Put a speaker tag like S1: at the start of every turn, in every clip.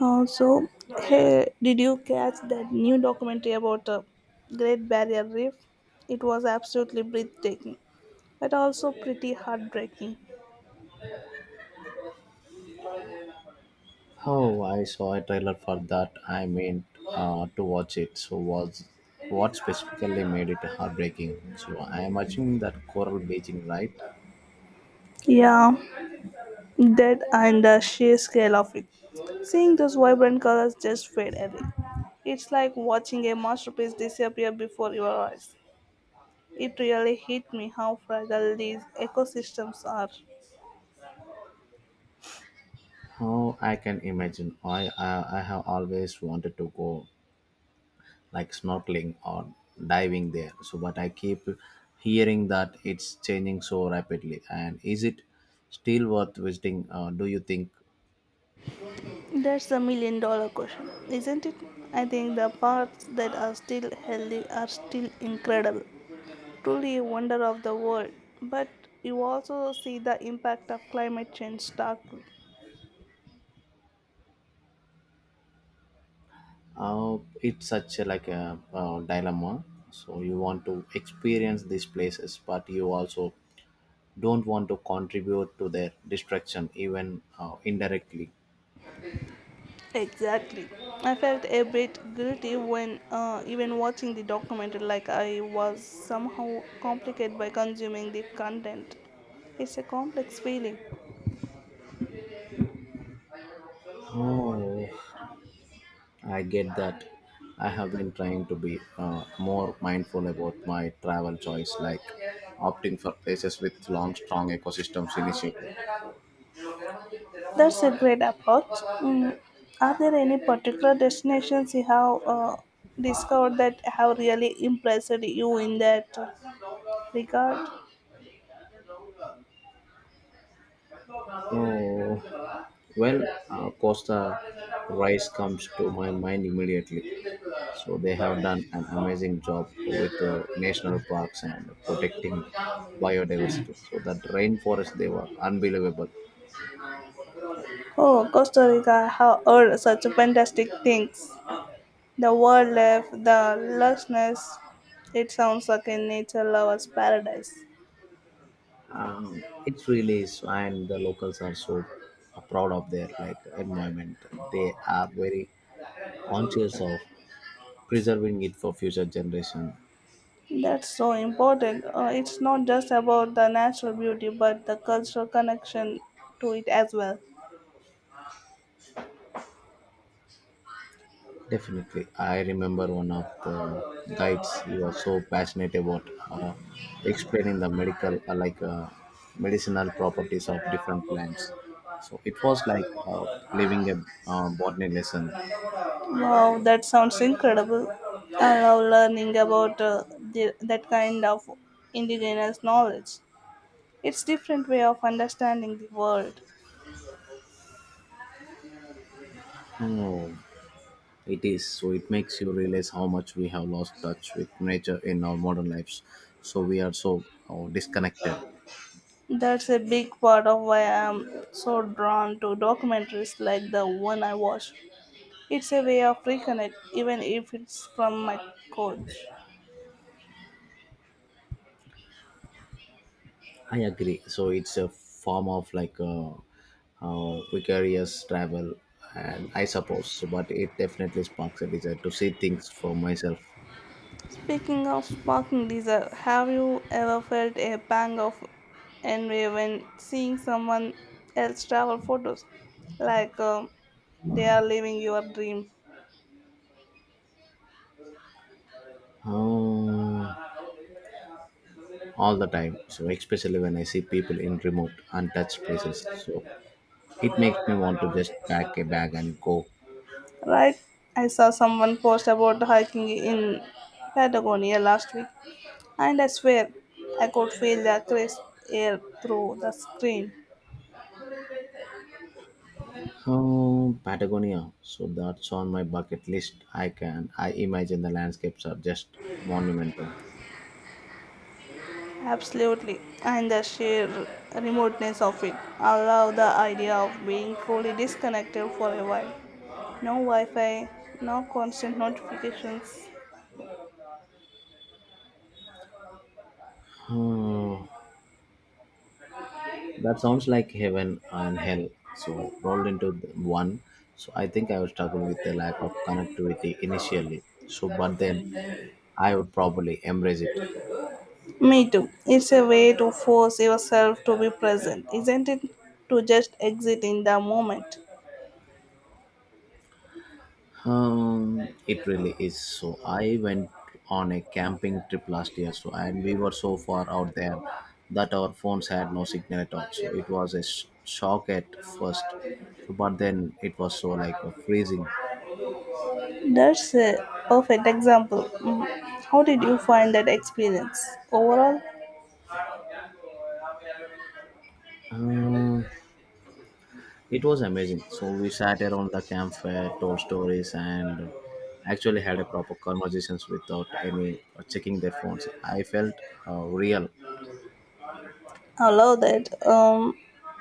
S1: Also, hey, did you catch that new documentary about the Great Barrier Reef? It was absolutely breathtaking, but also pretty heartbreaking.
S2: Oh, I saw a trailer for that. I meant to watch it. So, was what specifically made it heartbreaking? So, I am watching that coral bleaching, right?
S1: Yeah, that and the sheer scale of it. Seeing those vibrant colors just fade away. It's like watching a masterpiece disappear before your eyes. It really hit me how fragile these ecosystems are.
S2: How I can imagine. I have always wanted to go like snorkeling or diving there. So, but I keep hearing that it's changing so rapidly. And is it still worth visiting? Do you think?
S1: That's a million dollar question, isn't it? I think the parts that are still healthy are still incredible, truly a wonder of the world. But you also see the impact of climate change starkly.
S2: It's such a, dilemma, so you want to experience these places but you also don't want to contribute to their destruction, even indirectly.
S1: Exactly. I felt a bit guilty when even watching the documentary, like I was somehow complicated by consuming the content. It's a complex feeling.
S2: Oh, I get that. I have been trying to be more mindful about my travel choice, like opting for places with long strong ecosystems initiative.
S1: That's a great approach. Mm. Are there any particular destinations you have discovered that have really impressed you in that regard?
S2: Oh, well, costa rice comes to my mind immediately. So they have done an amazing job with the national parks and protecting biodiversity. So that rainforest, they were unbelievable.
S1: Oh, Costa Rica, I have heard such fantastic things. The word left the lessness, it sounds like a nature lover's paradise.
S2: It's really is, and the locals are so proud of their like environment. They are very conscious of preserving it for future generation.
S1: That's so important. It's not just about the natural beauty, but the cultural connection to it as well.
S2: Definitely. I remember one of the guides, he was so passionate about explaining the medical, like medicinal properties of different plants. So it was living a botany lesson.
S1: Wow, that sounds incredible. I love learning about that kind of indigenous knowledge. It's different way of understanding the world.
S2: Oh, it is. So it makes you realize how much we have lost touch with nature in our modern lives. So we are so disconnected.
S1: That's a big part of why I'm so drawn to documentaries like the one I watched. It's a way of reconnect, even if it's from my couch.
S2: I agree. So it's a form of vicarious travel, and I suppose. So, but it definitely sparks a desire to see things for myself.
S1: Speaking of sparking desire, have you ever felt a pang of envy when seeing someone else travel photos, like they are living your dream?
S2: um, all the time. So especially when I see people in remote, untouched places, so it makes me want to just pack a bag and go.
S1: Right, I saw someone post about hiking in Patagonia last week, and I swear I could feel the crisp air through the screen.
S2: Patagonia. So that's on my bucket list. I can. I imagine the landscapes are just monumental.
S1: Absolutely, and the sheer remoteness of it. I love the idea of being fully disconnected for a while. No Wi Fi, no constant notifications.
S2: Uh, That sounds like heaven and hell. So rolled into the one. So I think I would struggle with the lack of connectivity initially. So but then I would probably embrace it.
S1: Me too. It's a way to force yourself to be present, isn't it? To just exist in the moment.
S2: It really is. So I went on a camping trip last year. So and we were so far out there that our phones had no signal at all. So it was a shock at first. So but then it was so like a freezing.
S1: That's a perfect example. Mm. How did you find that experience overall?
S2: Uh, It was amazing. So we sat around the campfire, told stories, and actually had a proper conversations without any checking their phones. I felt real.
S1: I love that.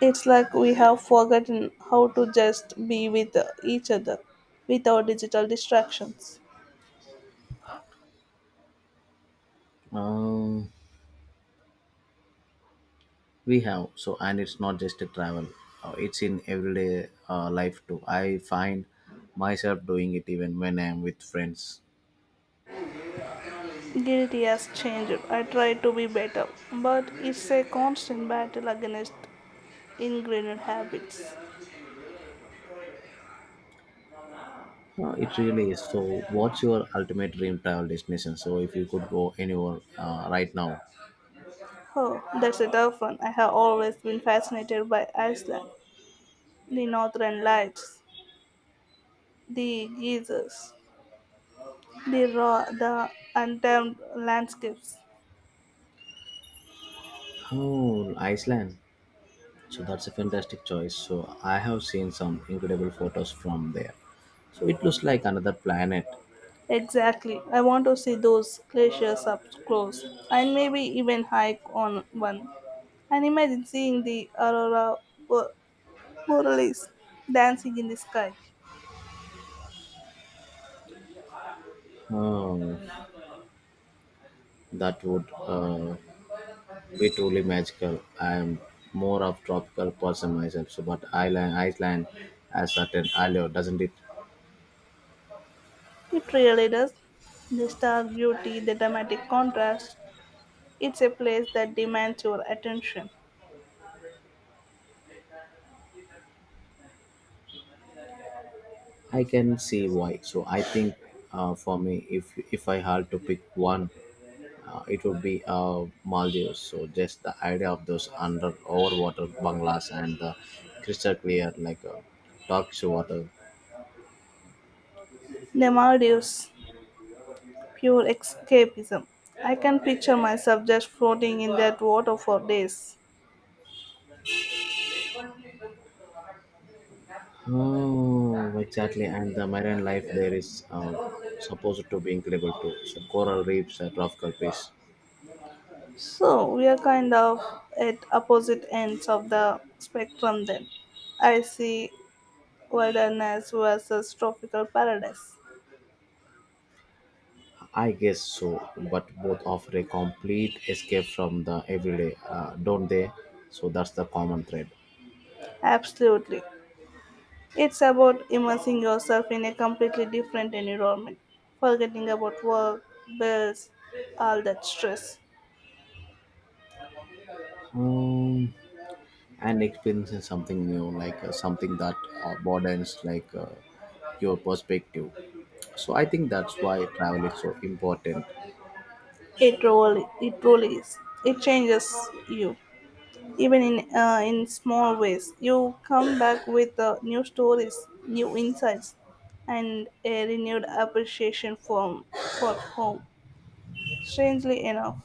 S1: It's like we have forgotten how to just be with each other without digital distractions.
S2: Um, we have so, and it's not just a travel. It's in everyday life too. I find myself doing it even when I am with friends.
S1: Guilty has changed. I try to be better, but it's a constant battle against ingrained habits.
S2: It really is. So, what's your ultimate dream travel destination? So, if you could go anywhere right now,
S1: Oh, that's a tough one. I have always been fascinated by Iceland, the northern lights, the geysers, the raw, the untamed landscapes.
S2: oh, Iceland. So that's a fantastic choice. So I have seen some incredible photos from there. So it looks like another planet.
S1: Exactly, I want to see those glaciers up close and maybe even hike on one, and imagine seeing the aurora bo- borealis dancing in the sky.
S2: Oh, that would be truly magical. I am more of tropical person myself, so but Iceland has certain allure, doesn't it?
S1: It really does. The stark beauty, the dramatic contrast, it's a place that demands your attention.
S2: I can see why. So I think, for me, if I had to pick one, it would be Maldives. So just the idea of those under overwater banglas and the crystal clear Turkish water.
S1: The Maldives. Pure escapism. I can picture myself just floating in that water for days.
S2: Oh, exactly. And the marine life there is supposed to be incredible too. So coral reefs, tropical fish.
S1: So we are kind of at opposite ends of the spectrum then. I see, wilderness versus tropical paradise.
S2: I guess so, but both offer a complete escape from the everyday, don't they? So that's the common thread.
S1: Absolutely. It's about immersing yourself in a completely different environment, forgetting about work, bills, all that stress.
S2: Um, and experiencing something new, something that broadens your perspective. So I think that's why travel is so important.
S1: It really is. It changes you, even in small ways. You come back with new stories, new insights, and a renewed appreciation for home. Strangely enough.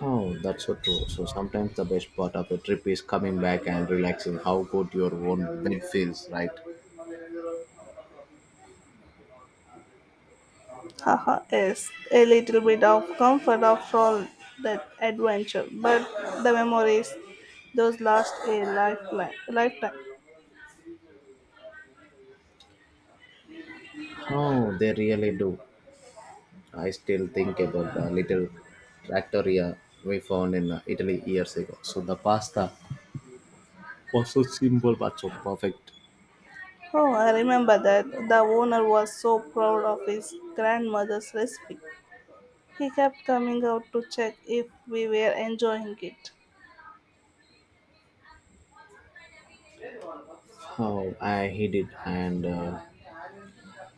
S2: Oh, that's so true. So sometimes the best part of a trip is coming back and relaxing how good your own bed feels, right?
S1: Haha, yes, a little bit of comfort after all that adventure, but the memories, those last a lifetime.
S2: Oh, they really do. I still think about the little trattoria we found in italy years ago. So the pasta was so simple but so perfect.
S1: Oh, I remember that. The owner was so proud of his grandmother's recipe. He kept coming out to check if we were enjoying it.
S2: How I hid it, and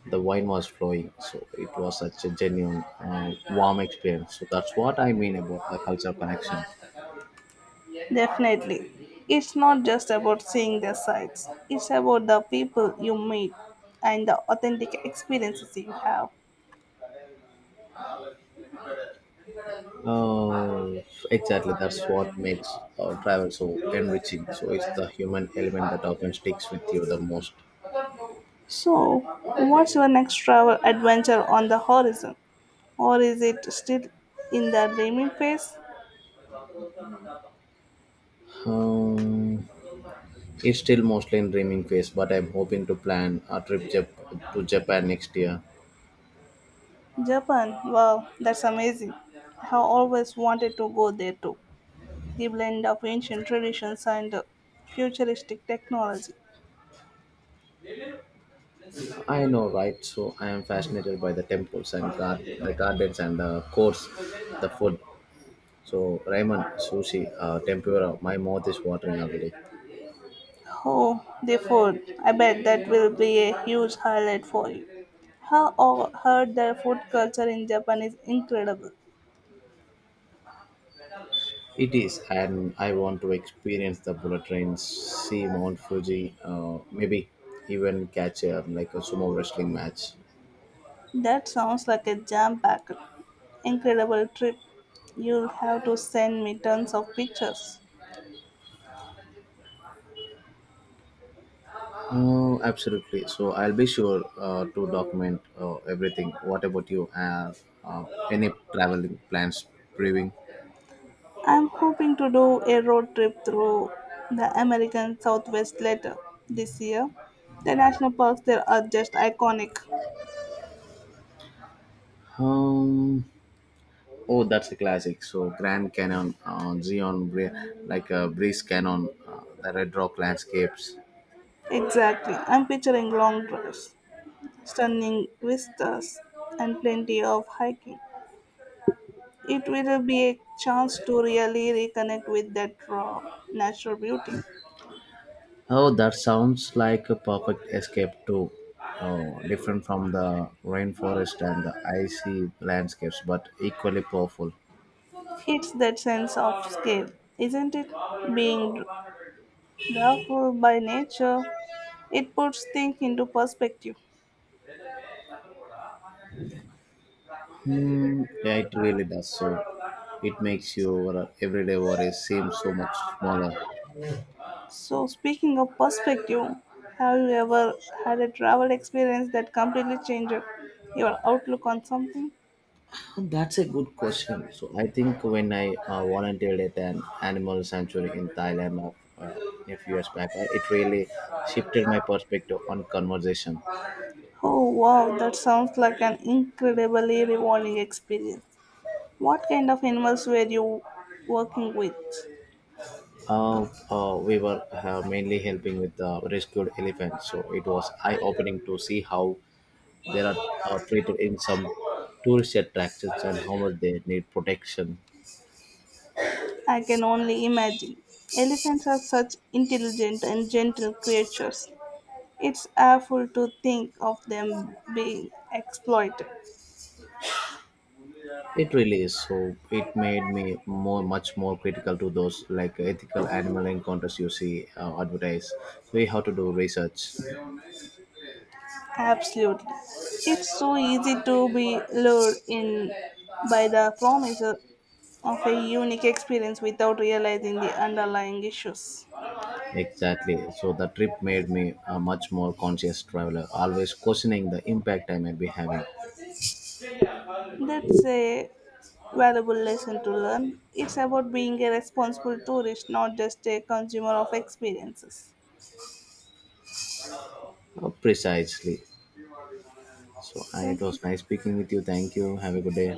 S2: the wine was flowing. So it was such a genuine warm experience. So that's what I mean about the cultural connection.
S1: Definitely. It's not just about seeing their sights, it's about the people you meet and the authentic experiences you have.
S2: Oh, exactly. That's what makes our travel so enriching. So it's the human element that often sticks with you the most.
S1: So, what's your next travel adventure on the horizon? Or is it still in the dreaming phase?
S2: um, it's still mostly in dreaming phase, but I'm hoping to plan a trip to japan next year.
S1: Japan, wow, that's amazing. I have always wanted to go there too. The blend of ancient traditions and futuristic technology.
S2: I know, right? So I am fascinated by the temples and the gardens and the course, the food. So ramen, sushi, tempura, my mouth is watering already.
S1: Oh, the food. I bet that will be a huge highlight for you. Heard their food culture in Japan is incredible.
S2: It is, and I want to experience the bullet trains, see Mount Fuji, maybe even catch a, like a sumo wrestling match.
S1: That sounds like a jam-packed, incredible trip. You'll have to send me tons of pictures.
S2: Oh, absolutely. So I'll be sure to document everything. What about you? Any traveling plans, brewing?
S1: I'm hoping to do a road trip through the American Southwest later this year. The national parks there are just iconic.
S2: Um, oh, that's a classic. So Grand Canyon, Zion, like a breeze canyon, the Red Rock landscapes.
S1: Exactly. I'm picturing long drives, stunning vistas, and plenty of hiking. It will be a chance to really reconnect with that raw natural beauty.
S2: Oh, that sounds like a perfect escape too. Oh, different from the rainforest and the icy landscapes, but equally powerful.
S1: It's that sense of scale, isn't it? Being doubtful by nature, it puts things into perspective.
S2: Hmm. Yeah, it really does. So it makes your everyday worries seem so much smaller.
S1: So, speaking of perspective, have you ever had a travel experience that completely changed your outlook on something?
S2: That's a good question. So I think when I volunteered at an animal sanctuary in Thailand of, a few years back, it really shifted my perspective on conversation.
S1: Oh wow, that sounds like an incredibly rewarding experience. What kind of animals were you working with?
S2: We were mainly helping with the rescued elephants, so it was eye-opening to see how they are treated in some tourist attractions and how much they need protection.
S1: I can only imagine. Elephants are such intelligent and gentle creatures. It's awful to think of them being exploited.
S2: It really is. So it made me more, much more critical to those like ethical animal encounters you see advertised. So you have to do research.
S1: Absolutely. It's so easy to be lured in by the promise of a unique experience without realizing the underlying issues.
S2: Exactly. So the trip made me a much more conscious traveler, always questioning the impact I might be having.
S1: That's a valuable lesson to learn. It's about being a responsible tourist, not just a consumer of experiences.
S2: Precisely. So, and it
S1: Thank you.
S2: was nice speaking with you. Thank you. Have a good day.